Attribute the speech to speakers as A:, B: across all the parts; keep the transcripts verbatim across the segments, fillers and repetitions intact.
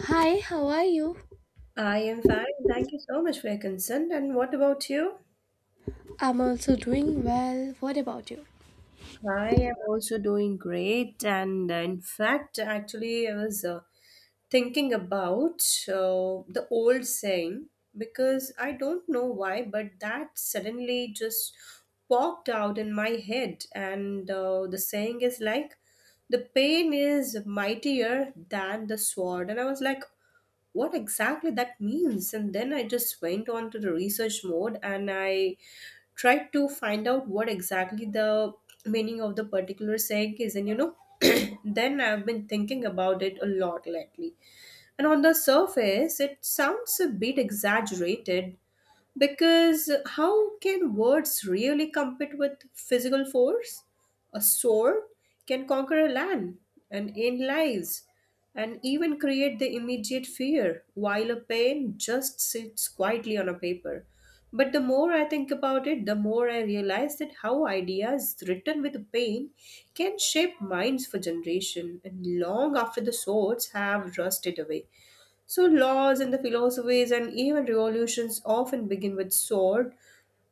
A: Hi, how are you?
B: I am fine. Thank you so much for your concern. And what about you?
A: I'm also doing well. What about you?
B: I am also doing great. And uh, in fact, actually, I was uh, thinking about uh, the old saying because I don't know why, but that suddenly just popped out in my head. And uh, The saying is like, the pain is mightier than the sword. And I was like, what exactly that means? And then I just went on to the research mode and I try to find out what exactly the meaning of the particular saying is and you know then I've been thinking about it a lot lately, and on the surface it sounds a bit exaggerated because how can words really compete with physical force? A sword can conquer a land and end lives and even create the immediate fear, while a pen just sits quietly on a paper. But the more I think about it, the more I realize that how ideas written with pain can shape minds for generation and long after the swords have rusted away. So laws and the philosophies and even revolutions often begin with sword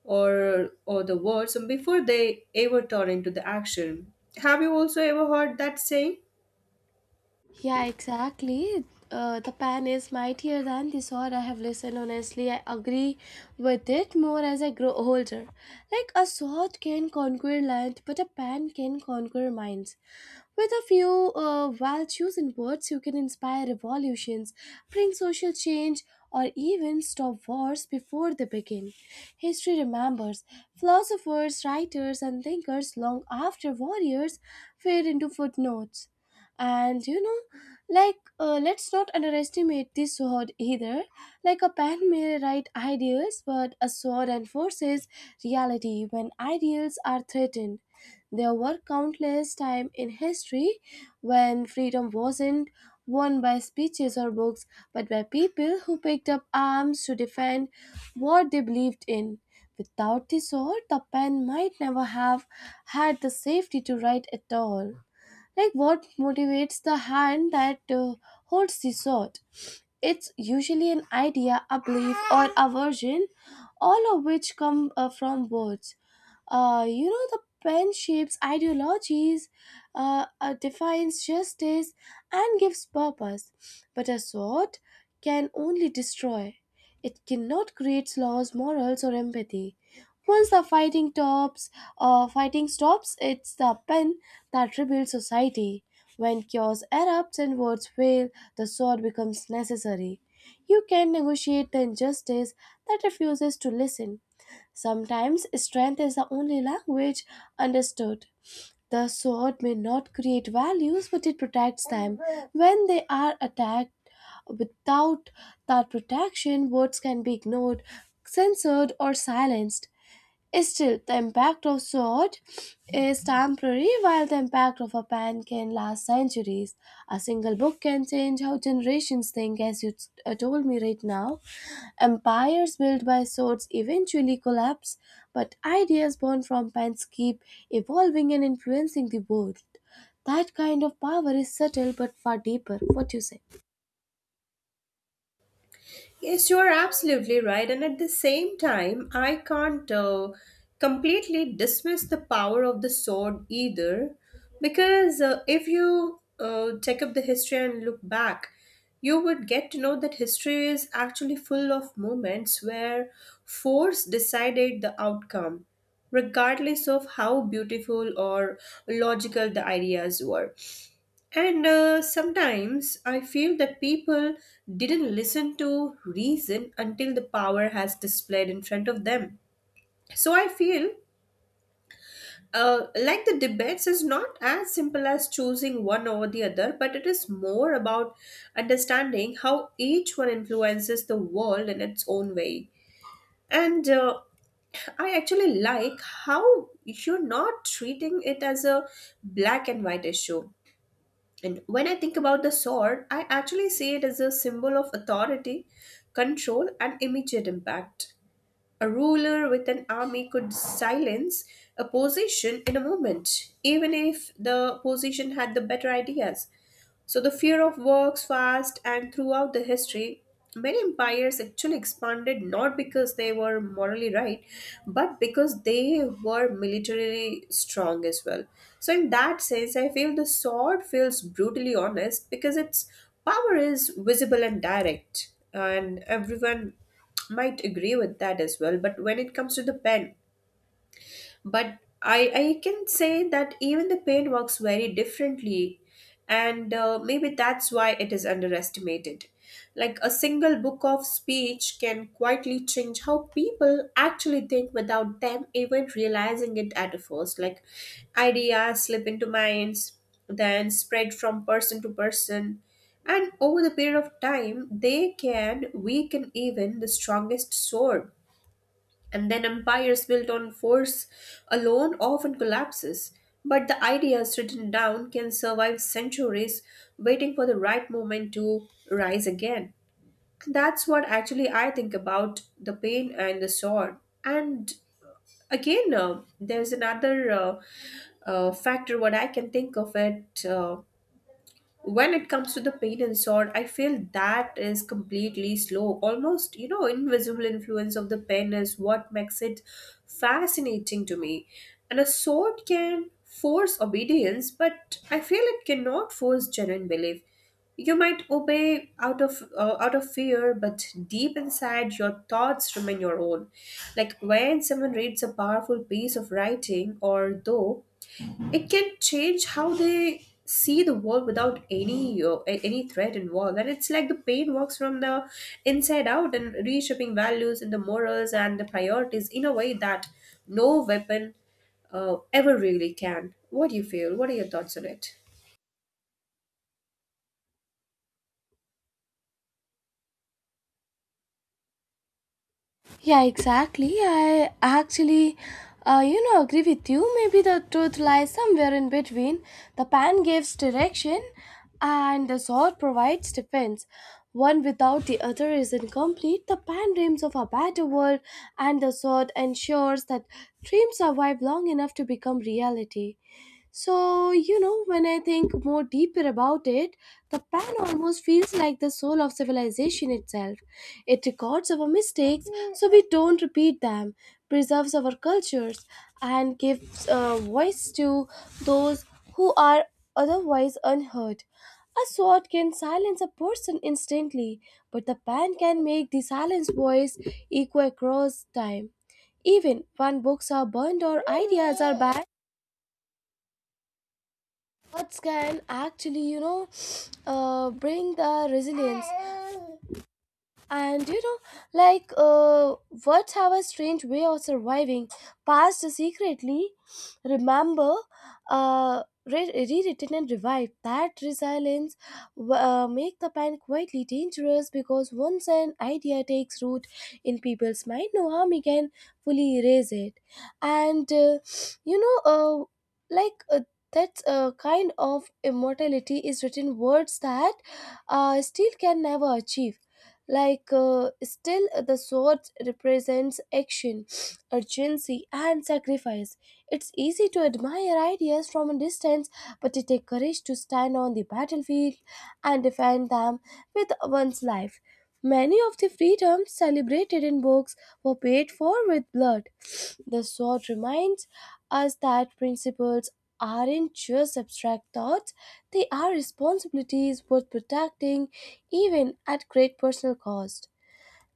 B: or or the words and before they ever turn into the action. Have you also ever heard that saying?
A: Yeah, exactly. Uh, the pan is mightier than the sword I have listened. Honestly, I agree with it more as I grow older. Like a sword can conquer land, but a pan can conquer minds. With a few uh, well chosen words, you can inspire revolutions, bring social change, or even stop wars before they begin. History remembers philosophers, writers, and thinkers long after warriors fade into footnotes. And, you know like, uh, let's not underestimate this sword either. Like, a pen may write ideas, but a sword enforces reality when ideals are threatened. There were countless times in history when freedom wasn't won by speeches or books, but by people who picked up arms to defend what they believed in. Without the sword, the pen might never have had the safety to write at all. Like, what motivates the hand that uh, holds the sword? It's usually an idea, a belief, or aversion, all of which come uh, from words. Uh, you know, the pen shapes ideologies, uh, uh, defines justice, and gives purpose. But a sword can only destroy. It cannot create laws, morals, or empathy. Once the fighting tops, uh, fighting stops, it's the pen that rebuilds society. When chaos erupts and words fail, the sword becomes necessary. You can negotiate the injustice that refuses to listen. Sometimes strength is the only language understood. The sword may not create values, but it protects them. When they are attacked without that protection, words can be ignored, censored, or silenced. Still, the impact of sword is temporary, while the impact of a pen can last centuries. A single book can change how generations think, as you t- uh, told me right now. Empires built by swords eventually collapse, but ideas born from pens keep evolving and influencing the world. That kind of power is subtle but far deeper. What do you say?
B: Yes, you are absolutely right. And at the same time, I can't uh, completely dismiss the power of the sword either. Because uh, if you uh, take up the history and look back, you would get to know that history is actually full of moments where force decided the outcome, regardless of how beautiful or logical the ideas were. And uh, Sometimes I feel that people didn't listen to reason until the power has displayed in front of them. So I feel uh, like the debates is not as simple as choosing one over the other, but it is more about understanding how each one influences the world in its own way. And uh, I actually like how you're not treating it as a black and white issue. And when I think about the sword, I actually see it as a symbol of authority, control, and immediate impact. A ruler with an army could silence a position in a moment, even if the position had the better ideas. So the fear of works fast and throughout the history, many empires actually expanded not because they were morally right, but because they were militarily strong as well. So in that sense, I feel the sword feels brutally honest because its power is visible and direct, and everyone might agree with that as well. But when it comes to the pen, but i i can say that even the pain works very differently, and uh, maybe that's why it is underestimated, like a single book of speech can quietly change how people actually think without them even realizing it at first, like ideas slip into minds, then spread from person to person, and over the period of time they can weaken even the strongest sword, and then empires built on force alone often collapses. But the ideas written down can survive centuries, waiting for the right moment to rise again. That's what actually I think about the pain and the sword. And again, uh, there's another uh, uh, factor what I can think of it. Uh, when it comes to the pain and sword, I feel that is completely slow, almost, you know invisible influence of the pen is what makes it fascinating to me. And a sword can force obedience, but I feel it cannot force genuine belief. You might obey out of uh, out of fear, but deep inside your thoughts remain your own. Like when someone reads a powerful piece of writing or though, it can change how they see the world without any uh, a- any threat involved. And it's like the pain works from the inside out and reshaping values and the morals and the priorities in a way that no weapon uh, ever really can. What do you feel? What are your thoughts on it?
A: Yeah, exactly. I actually, uh, you know, agree with you. Maybe the truth lies somewhere in between. The pan gives direction, and the sword provides defense. One without the other is incomplete. The pan dreams of a better world, and the sword ensures that dreams survive long enough to become reality. So, you know, when I think more deeper about it, the pen almost feels like the soul of civilization itself. It records our mistakes so we don't repeat them, preserves our cultures, and gives uh, voice to those who are otherwise unheard. A sword can silence a person instantly, but the pen can make the silenced voice echo across time. Even when books are burned or ideas are banned, arts can actually, you know, uh, bring the resilience, and you know, like, uh, what's our strange way of surviving? Past secretly, remember, uh, re- rewritten and revived. That resilience w- uh, make the plan quietly dangerous, because once an idea takes root in people's mind, no army can fully erase it. And uh, you know, uh, like. Uh, that uh, kind of immortality is written words that uh, steel can never achieve. Like, uh, still, the sword represents action, urgency, and sacrifice. It's easy to admire ideas from a distance, but it takes courage to stand on the battlefield and defend them with one's life. Many of the freedoms celebrated in books were paid for with blood. The sword reminds us that principles aren't just abstract thoughts; they are responsibilities worth protecting, even at great personal cost.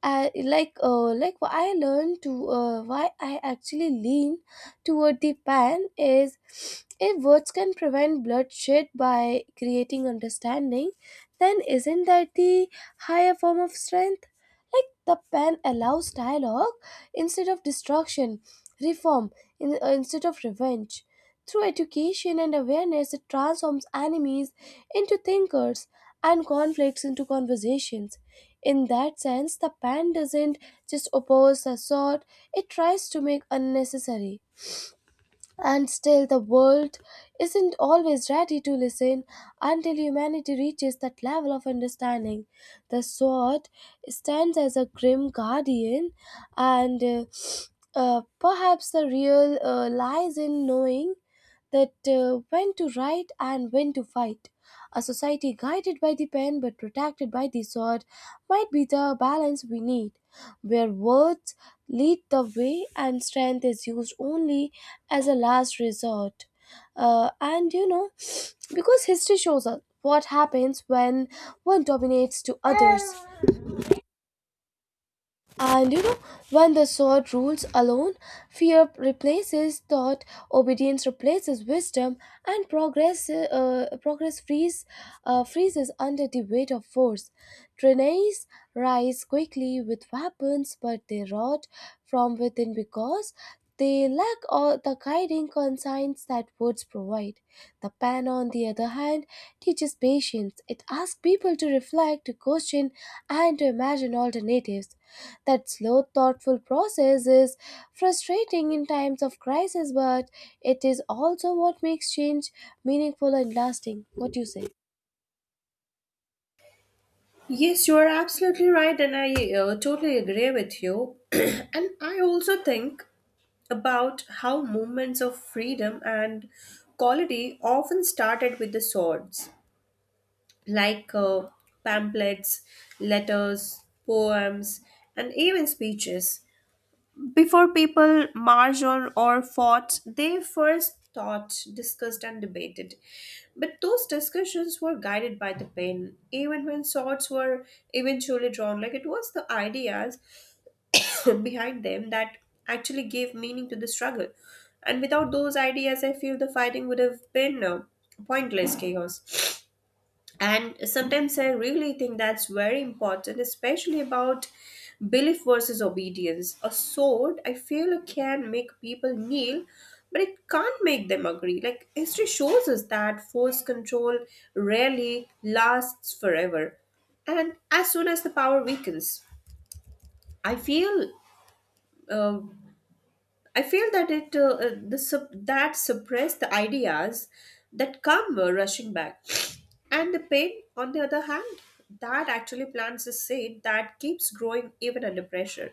A: I, like uh, like what I learned to uh, why I actually lean toward the pan is, if words can prevent bloodshed by creating understanding, then isn't that the higher form of strength? Like, the pen allows dialogue instead of destruction, reform in, uh, instead of revenge. Through education and awareness, it transforms enemies into thinkers and conflicts into conversations. In that sense, the pen doesn't just oppose the sword, it tries to make unnecessary. And still, the world isn't always ready to listen until humanity reaches that level of understanding. The sword stands as a grim guardian, and uh, uh, perhaps the real uh, lies in knowing that, uh, when to write and when to fight. A society guided by the pen but protected by the sword might be the balance we need, where words lead the way and strength is used only as a last resort. Uh, and, you know, because history shows us what happens when one dominates to others. And, you know, when the sword rules alone, fear replaces thought, obedience replaces wisdom, and progress uh, progress frees, uh, freezes under the weight of force. Trinaes rise quickly with weapons, but they rot from within because they lack all the guiding conscience that words provide. The pen, on the other hand, teaches patience. It asks people to reflect, to question, and to imagine alternatives. That slow, thoughtful process is frustrating in times of crisis, but it is also what makes change meaningful and lasting. What do you say?
B: Yes, you are absolutely right, and I uh, totally agree with you. And I also think about how movements of freedom and quality often started with the swords, like uh, pamphlets, letters, poems, and even speeches. Before people marched on or fought, they first thought, discussed, and debated. But those discussions were guided by the pen, even when swords were eventually drawn. Like it was the ideas behind them that actually gave meaning to the struggle. And without those ideas, I feel the fighting would have been uh, pointless chaos. And sometimes I really think that's very important, especially about belief versus obedience. A sword, I feel it can make people kneel, but it can't make them agree. Like history shows us that force control rarely lasts forever, and as soon as the power weakens, I feel uh, I feel that it uh, uh, the sup- that suppress the ideas that come uh, rushing back, and the pain, on the other hand, that actually plants a seed that keeps growing even under pressure.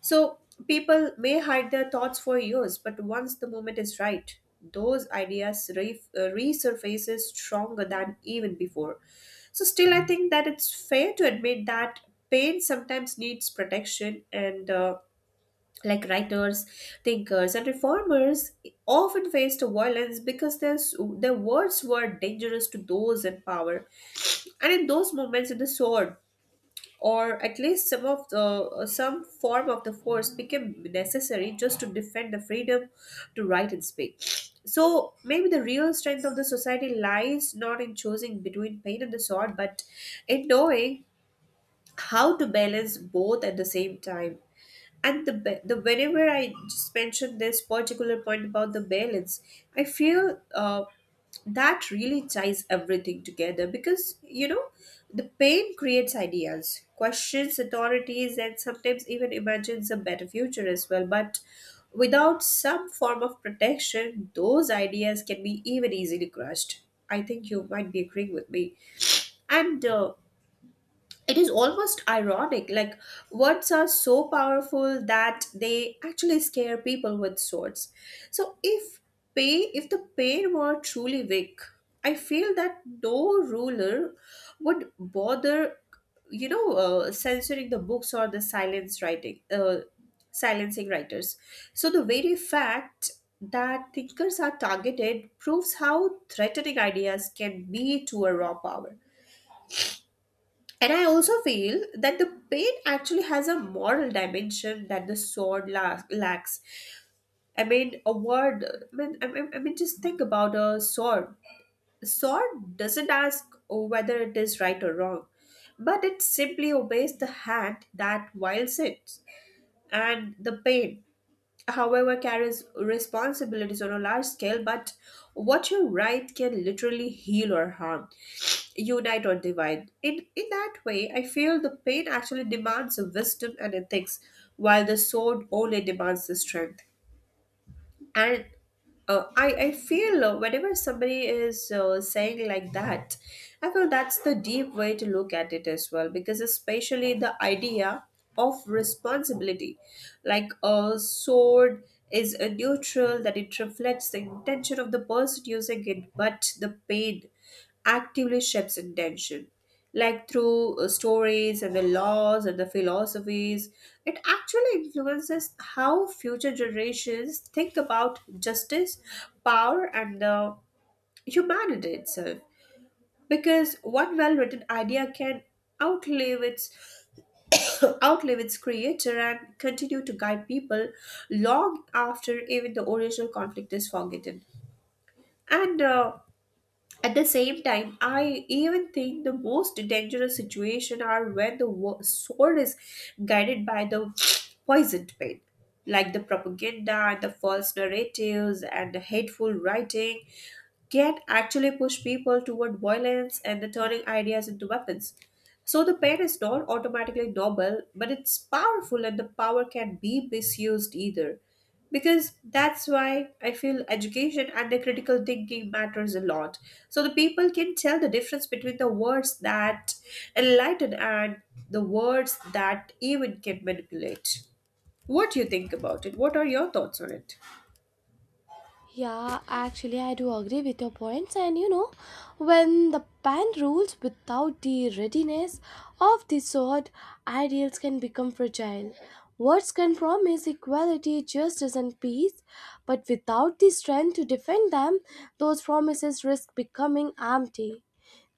B: So people may hide their thoughts for years, but once the moment is right, those ideas re- uh, resurfaces stronger than even before. So still, I think that it's fair to admit that pain sometimes needs protection and. Uh, like writers, thinkers, and reformers often faced violence because their, s- their words were dangerous to those in power. And in those moments, the sword, or at least some of the uh, some form of the force, became necessary just to defend the freedom to write and speak. So maybe the real strength of the society lies not in choosing between pain and the sword, but in knowing how to balance both at the same time. And the ba- the whenever I just mentioned this particular point about the balance, i feel uh, that really ties everything together, because you know the pain creates ideas, questions authorities, and sometimes even imagines a better future as well, but without some form of protection, those ideas can be even easily crushed. I think you might be agreeing with me. And uh, It is almost ironic, like words are so powerful that they actually scare people with swords. So if pay if the pain were truly weak, I feel that no ruler would bother, you know uh, censoring the books or the silence writing uh, silencing writers. So the very fact that thinkers are targeted proves how threatening ideas can be to a raw power. And I also feel that the pain actually has a moral dimension that the sword la- lacks. I mean, a word. I mean, I mean, I mean, just think about a sword. Sword doesn't ask whether it is right or wrong, but it simply obeys the hand that wields it. And the pain, however, carries responsibilities on a large scale, but what you write can literally heal or harm, unite or divide. In in that way, I feel the pain actually demands wisdom and ethics, while the sword only demands the strength. And uh, I, I feel uh, whenever somebody is uh, saying like that, I feel that's the deep way to look at it as well, because especially the idea of responsibility, like a sword is a neutral that it reflects the intention of the person using it, but the pain actively shapes intention. Like through uh, stories and the laws and the philosophies, it actually influences how future generations think about justice, power, and the humanity itself. Because one well-written idea can outlive its outlive its creator and continue to guide people long after even the original conflict is forgotten. And uh, At the same time, I even think the most dangerous situation are when the wo- sword is guided by the poisoned pain, like the propaganda and the false narratives and the hateful writing can actually push people toward violence and the turning ideas into weapons. So the pain is not automatically noble, but it's powerful and the power can be misused either, because that's why I feel education and the critical thinking matters a lot, so the people can tell the difference between the words that enlighten and the words that even can manipulate. What do you think about it? What are your thoughts on it?
A: Yeah, actually, I do agree with your points. And, you know, when the pan rules without the readiness of the sword, ideals can become fragile. Words can promise equality, justice, and peace, but without the strength to defend them, those promises risk becoming empty.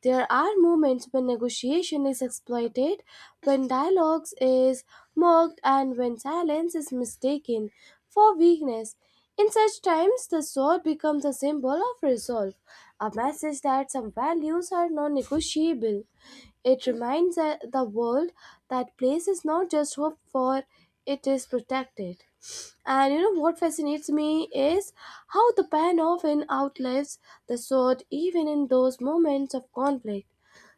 A: There are moments when negotiation is exploited, when dialogue is mocked, and when silence is mistaken for weakness. In such times, the sword becomes a symbol of resolve, a message that some values are non negotiable. It reminds, uh, the world that place is not just hope for, it is protected. And you know what fascinates me is how the pen often outlives the sword, even in those moments of conflict.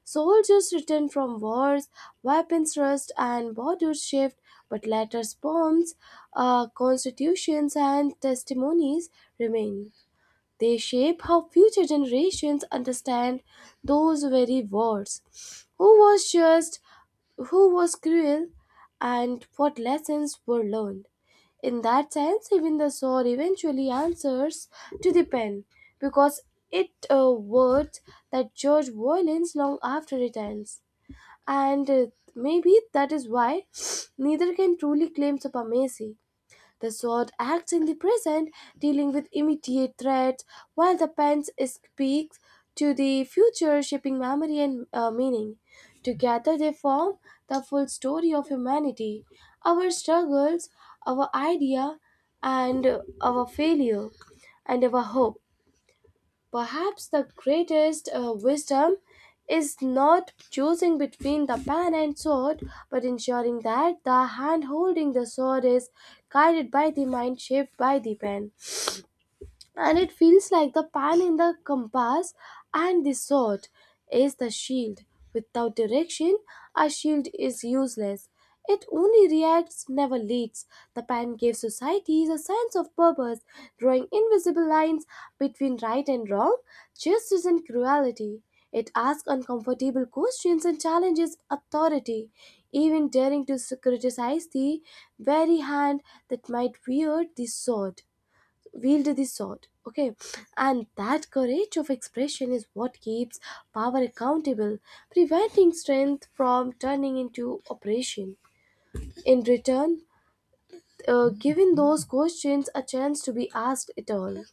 A: Soldiers return from wars, weapons rust and borders shift, but letters, poems, uh, constitutions, and testimonies remain. They shape how future generations understand those very words. Who was just, who was cruel, and what lessons were learned. In that sense, even the sword eventually answers to the pen, because it uh, words that judge violence long after it ends. And uh, maybe that is why neither can truly claim supremacy. The sword acts in the present, dealing with immediate threats, while the pen speaks to the future, shaping memory and, uh, meaning. Together, they form the full story of humanity: our struggles, our idea, and, uh, our failure, and our hope. Perhaps the greatest uh, wisdom is not choosing between the pen and sword, but ensuring that the hand holding the sword is guided by the mind shaped by the pen. And it feels like the pan in the compass, and the sword is the shield. Without direction, a shield is useless. It only reacts, never leads. The pan gives societies a sense of purpose, drawing invisible lines between right and wrong, justice and cruelty. It asks uncomfortable questions and challenges authority, even daring to s- criticize the very hand that might wield the sword wield the sword, okay. And that courage of expression is what keeps power accountable, preventing strength from turning into oppression. In return, uh, giving those questions a chance to be asked at all,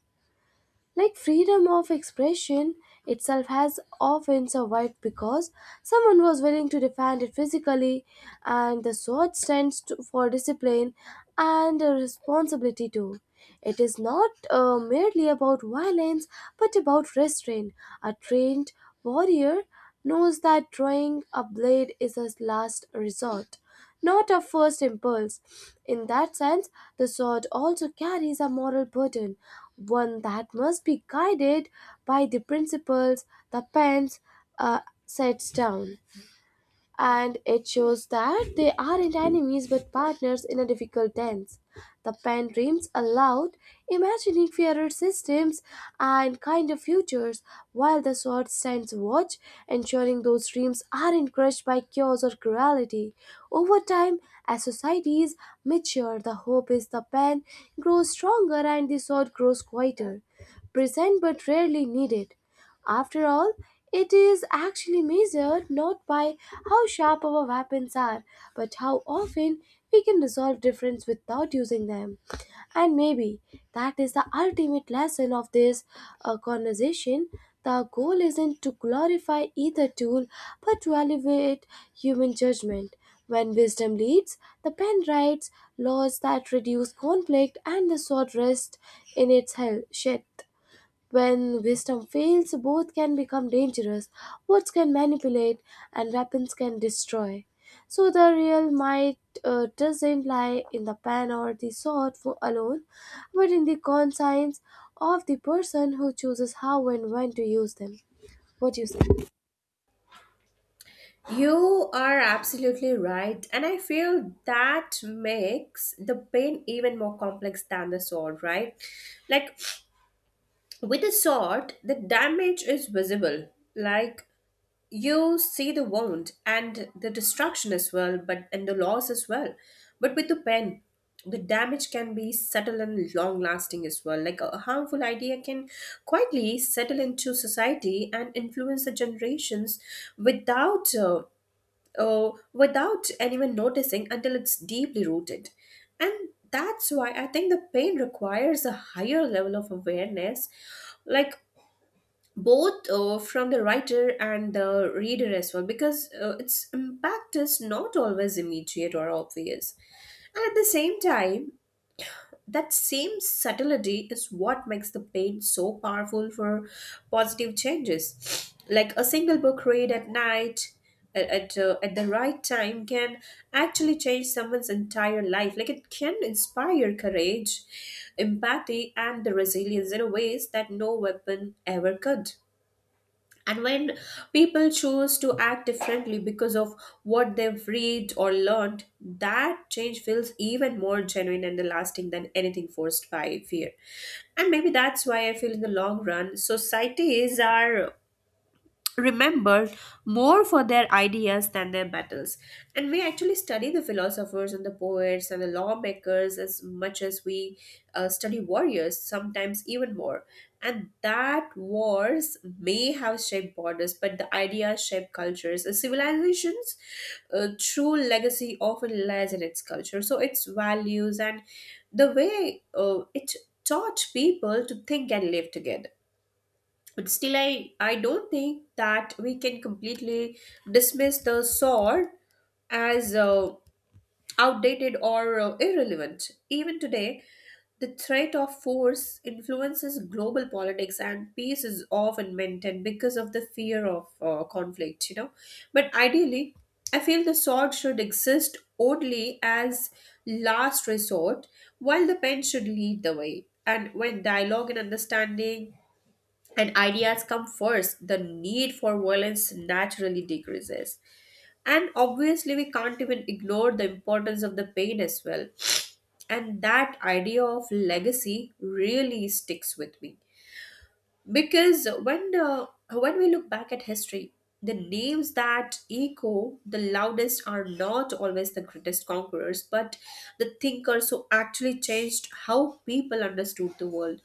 A: like freedom of expression itself has often survived because someone was willing to defend it physically, and the sword stands to, for discipline and a responsibility too. It is not uh, merely about violence, but about restraint. A trained warrior knows that drawing a blade is a last resort, not a first impulse. In that sense, the sword also carries a moral burden, one that must be guided by the principles the pens uh, sets down, and it shows that they aren't enemies but partners in a difficult tense. The pen dreams aloud, imagining fairer systems and kinder futures, while the sword stands watch, ensuring those dreams aren't crushed by chaos or cruelty. Over time, as societies mature, the hope is the pen grows stronger and the sword grows quieter, present but rarely needed. After all, it is actually measured not by how sharp our weapons are, but how often we can resolve difference without using them. And maybe that is the ultimate lesson of this uh, conversation. The goal isn't to glorify either tool, but to elevate human judgment. When wisdom leads, the pen writes laws that reduce conflict, and the sword rests in its hel- sheath. When wisdom fails, both can become dangerous. Words can manipulate, and weapons can destroy. So the real might uh, doesn't lie in the pen or the sword for alone, but in the conscience of the person who chooses how and when to use them. What do you say?
B: You are absolutely right. And I feel that makes the pain even more complex than the sword, right? Like with the sword, the damage is visible. Like you see the wound and the destruction as well, but and the loss as well, but with the pen the damage can be subtle and long lasting as well. Like a harmful idea can quietly settle into society and influence the generations without uh, uh, without anyone noticing until it's deeply rooted. And that's why I think the pain requires a higher level of awareness, like both uh, from the writer and the reader as well, because uh, its impact is not always immediate or obvious. And at the same time, that same subtlety is what makes the pain so powerful for positive changes. Like a single book read at night at at, uh, at the right time can actually change someone's entire life. Like it can inspire courage, empathy and the resilience in a ways that no weapon ever could. And when people choose to act differently because of what they've read or learned, that change feels even more genuine and lasting than anything forced by fear. And maybe that's why I feel in the long run, societies are remembered more for their ideas than their battles. And we actually study the philosophers and the poets and the lawmakers as much as we uh, study warriors, sometimes even more. And that wars may have shaped borders, but the ideas shape cultures. A civilization's uh, true legacy often lies in its culture, so its values and the way uh, it taught people to think and live together. But still, I, I don't think that we can completely dismiss the sword as uh, outdated or uh, irrelevant. Even today, the threat of force influences global politics, and peace is often maintained because of the fear of uh, conflict, you know. But ideally, I feel the sword should exist only as last resort, while the pen should lead the way. And when dialogue and understanding and ideas come first, the need for violence naturally decreases. And obviously, we can't even ignore the importance of the pain as well. And that idea of legacy really sticks with me, because when the when we look back at history, the names that echo the loudest are not always the greatest conquerors, but the thinkers who actually changed how people understood the world.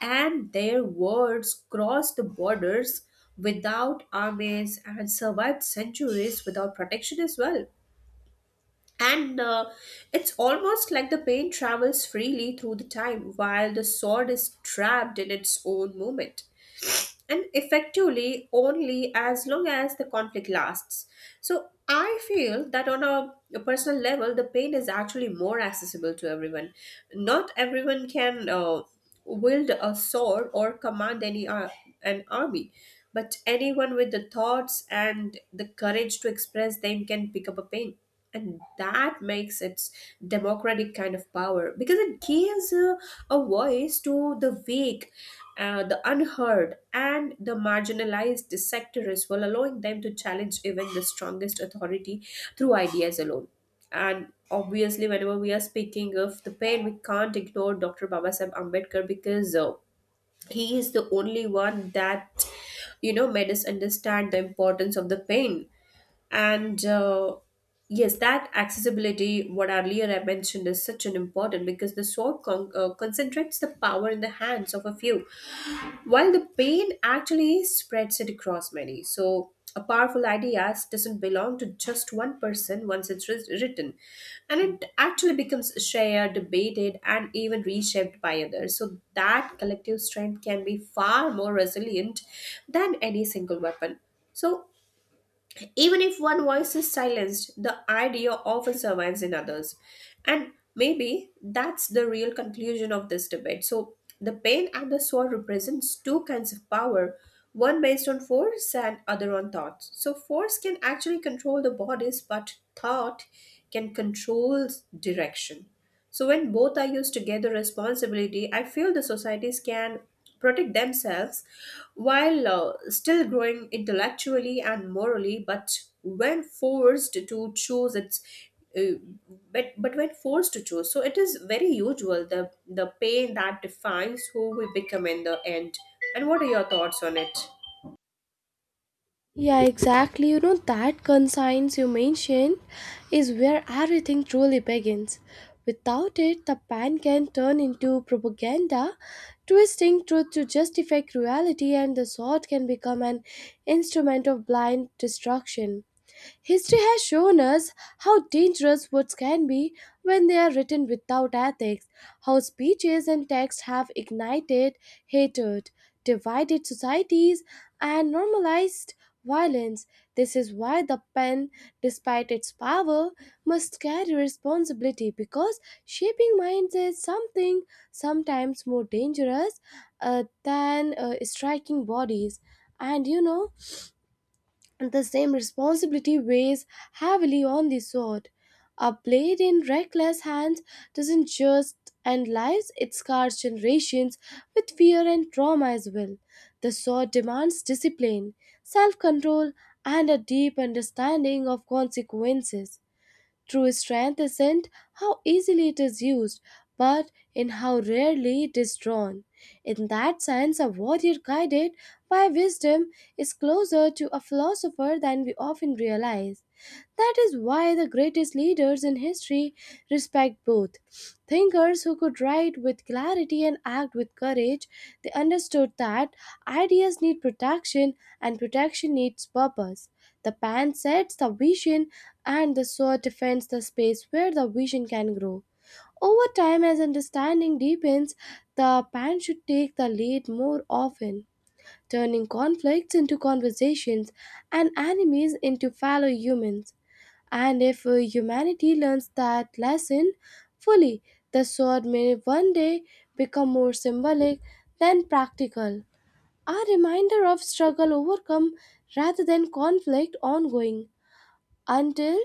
B: And their words crossed the borders without armies and survived centuries without protection as well. And uh, it's almost like the pain travels freely through the time while the sword is trapped in its own moment. And effectively only as long as the conflict lasts. So I feel that on a, a personal level, the pain is actually more accessible to everyone. Not everyone can uh, wield a sword or command any ar- an army, but anyone with the thoughts and the courage to express them can pick up a pain. And that makes its democratic kind of power, because it gives uh, a voice to the weak, uh, the unheard and the marginalized sectors, while allowing them to challenge even the strongest authority through ideas alone. And obviously, whenever we are speaking of the pain, we can't ignore Dr. Babasaheb Ambedkar, because uh, he is the only one that you know made us understand the importance of the pain. And uh, yes, that accessibility what earlier I mentioned is such an important, because the sword con- uh, concentrates the power in the hands of a few, while the pain actually spreads it across many. So a powerful idea doesn't belong to just one person once it's writ- written And it actually becomes shared, debated and even reshaped by others, so that collective strength can be far more resilient than any single weapon. So even if one voice is silenced, the idea often survives in others. And maybe that's the real conclusion of this debate. So the pain and the sword represents two kinds of power, one based on force and other on thoughts. So force can actually control the bodies, but thought can control direction. So when both are used together responsibility, I feel the societies can protect themselves while uh, still growing intellectually and morally, but when forced to choose it's uh, but but when forced to choose, so it is very usual the the pain that defines who we become in the end. And what are your thoughts on it?
A: Yeah, exactly. You know, that conscience you mentioned is where everything truly begins. Without it, the pan can turn into propaganda, twisting truth to justify cruelty, and the sword can become an instrument of blind destruction. History has shown us how dangerous words can be when they are written without ethics, how speeches and texts have ignited hatred, divided societies, and normalized violence. This is why the pen, despite its power, must carry responsibility, because shaping minds is something sometimes more dangerous uh, than uh, striking bodies. And you know, the same responsibility weighs heavily on the sword. A blade in reckless hands doesn't just end lives, it scars generations with fear and trauma as well. The sword demands discipline, self control, and a deep understanding of consequences. True strength isn't how easily it is used, but in how rarely it is drawn. In that sense, a warrior guided by wisdom is closer to a philosopher than we often realize. That is why the greatest leaders in history respect both. Thinkers who could write with clarity and act with courage, they understood that ideas need protection and protection needs purpose. The pen sets the vision and the sword defends the space where the vision can grow. Over time, as understanding deepens, the pan should take the lead more often, turning conflicts into conversations and enemies into fellow humans. And if uh, humanity learns that lesson fully, the sword may one day become more symbolic than practical, a reminder of struggle overcome rather than conflict ongoing. Until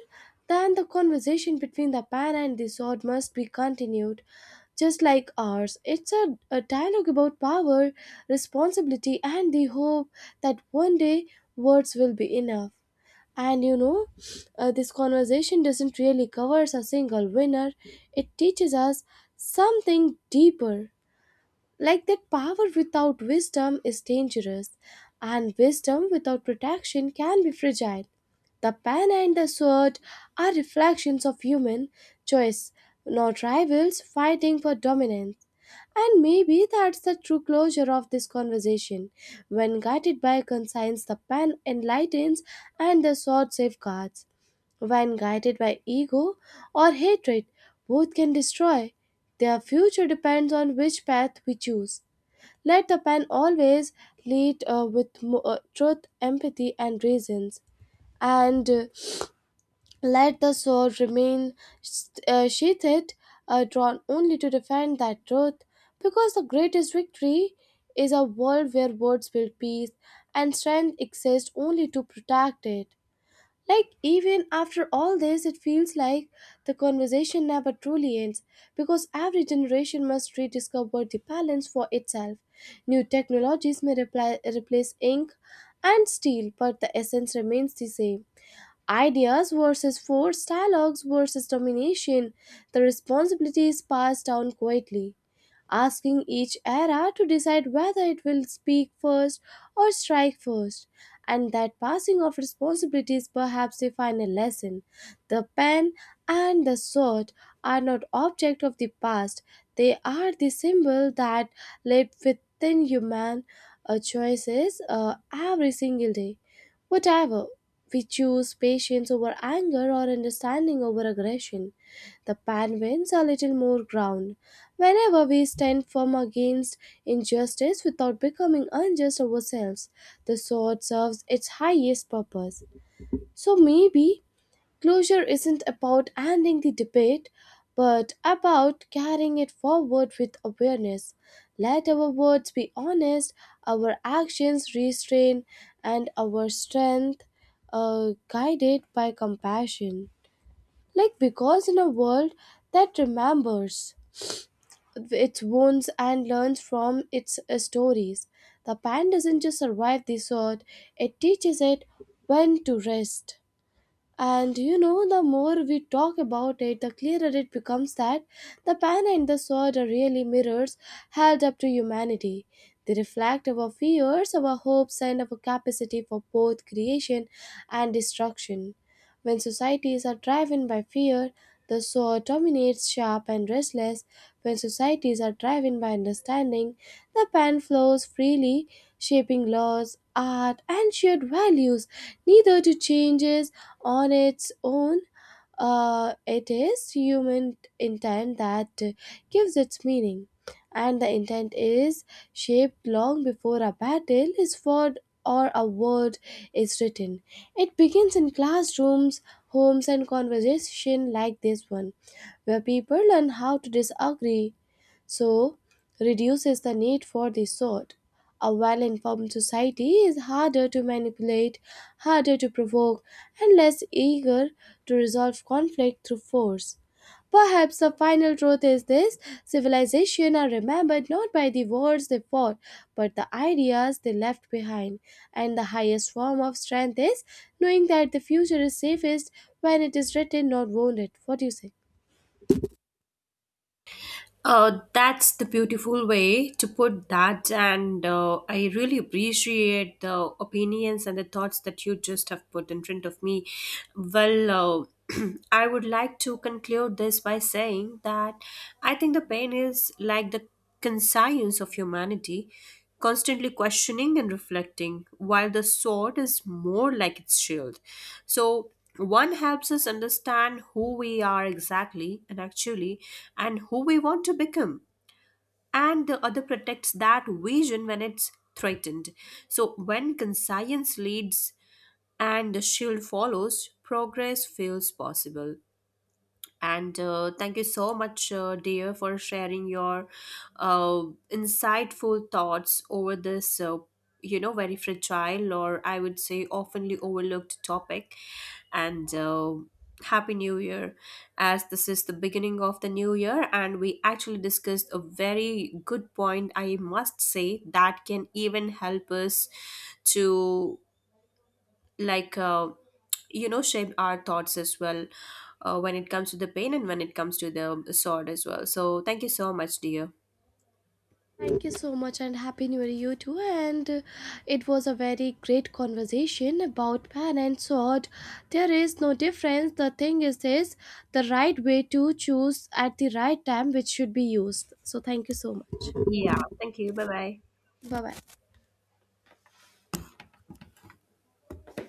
A: then, the conversation between the pan and the sword must be continued, just like ours. It's a, a dialogue about power, responsibility, and the hope that one day words will be enough. And you know, uh, this conversation doesn't really cover a single winner, it teaches us something deeper. Like that, power without wisdom is dangerous, and wisdom without protection can be fragile. The pen and the sword are reflections of human choice, not rivals fighting for dominance. And maybe that's the true closure of this conversation. When guided by conscience, the pen enlightens and the sword safeguards. When guided by ego or hatred, both can destroy. Their future depends on which path we choose. Let the pen always lead uh, with mo- uh, truth, empathy, and reasons. And uh, let the sword remain st- uh, sheathed, uh, drawn only to defend that truth, because the greatest victory is a world where words build peace and strength exists only to protect it. Like, even after all this, it feels like the conversation never truly ends, because every generation must rediscover the balance for itself. New technologies may repli- replace ink and steel, but the essence remains the same. Ideas versus force, dialogues versus domination, the responsibility is passed down quietly, asking each era to decide whether it will speak first or strike first. And that passing of responsibility is perhaps the final lesson. The pen and the sword are not objects of the past, they are the symbol that live within human uh, choices uh, every single day. Whatever, we choose patience over anger or understanding over aggression. The Penguins are little more ground. Whenever we stand firm against injustice without becoming unjust ourselves, the sword serves its highest purpose. So maybe closure isn't about ending the debate, but about carrying it forward with awareness. Let our words be honest, our actions restrained, and our strength uh, guided by compassion. Like, because in a world that remembers its wounds and learns from its uh, stories, the pan doesn't just survive the sword, it teaches it when to rest. And you know, the more we talk about it, the clearer it becomes that the pen and the sword are really mirrors held up to humanity. They reflect our fears, our hopes, and our capacity for both creation and destruction. When societies are driven by fear, the sword dominates, sharp and restless. When societies are driven by understanding, the pen flows freely, shaping laws, art, and shared values. Neither to changes on its own. Uh, it is human intent that gives its meaning, and the intent is shaped long before a battle is fought or a word is written. It begins in classrooms, homes, and conversation like this one, where people learn how to disagree, so reduces the need for this sort. A well informed society is harder to manipulate, harder to provoke, and less eager to resolve conflict through force. Perhaps the final truth is this: civilization are remembered not by the wars they fought, but the ideas they left behind. And the highest form of strength is knowing that the future is safest when it is written, not wounded. What do you say?
B: Uh, that's the beautiful way to put that, and uh, I really appreciate the opinions and the thoughts that you just have put in front of me. Well, uh, I would like to conclude this by saying that I think the pain is like the conscience of humanity, constantly questioning and reflecting, while the sword is more like its shield. So, one helps us understand who we are exactly and actually, and who we want to become, and the other protects that vision when it's threatened. So, when conscience leads and the shield follows, progress feels possible. And uh, thank you so much, uh, dear, for sharing your uh, insightful thoughts over this, uh, you know, very fragile or I would say oftenly overlooked topic. And uh, Happy New Year, as this is the beginning of the new year, and we actually discussed a very good point, I must say, that can even help us to like uh, you know shape our thoughts as well uh, when it comes to the pain and when it comes to the sword as well. So thank you so much, dear.
A: Thank you so much, and happy new year you too. And uh, it was a very great conversation about pen and sword. There is no difference. The thing is this: the right way to choose at the right time which should be used. So thank you so much.
B: Yeah, thank you. Bye bye.
A: Bye bye.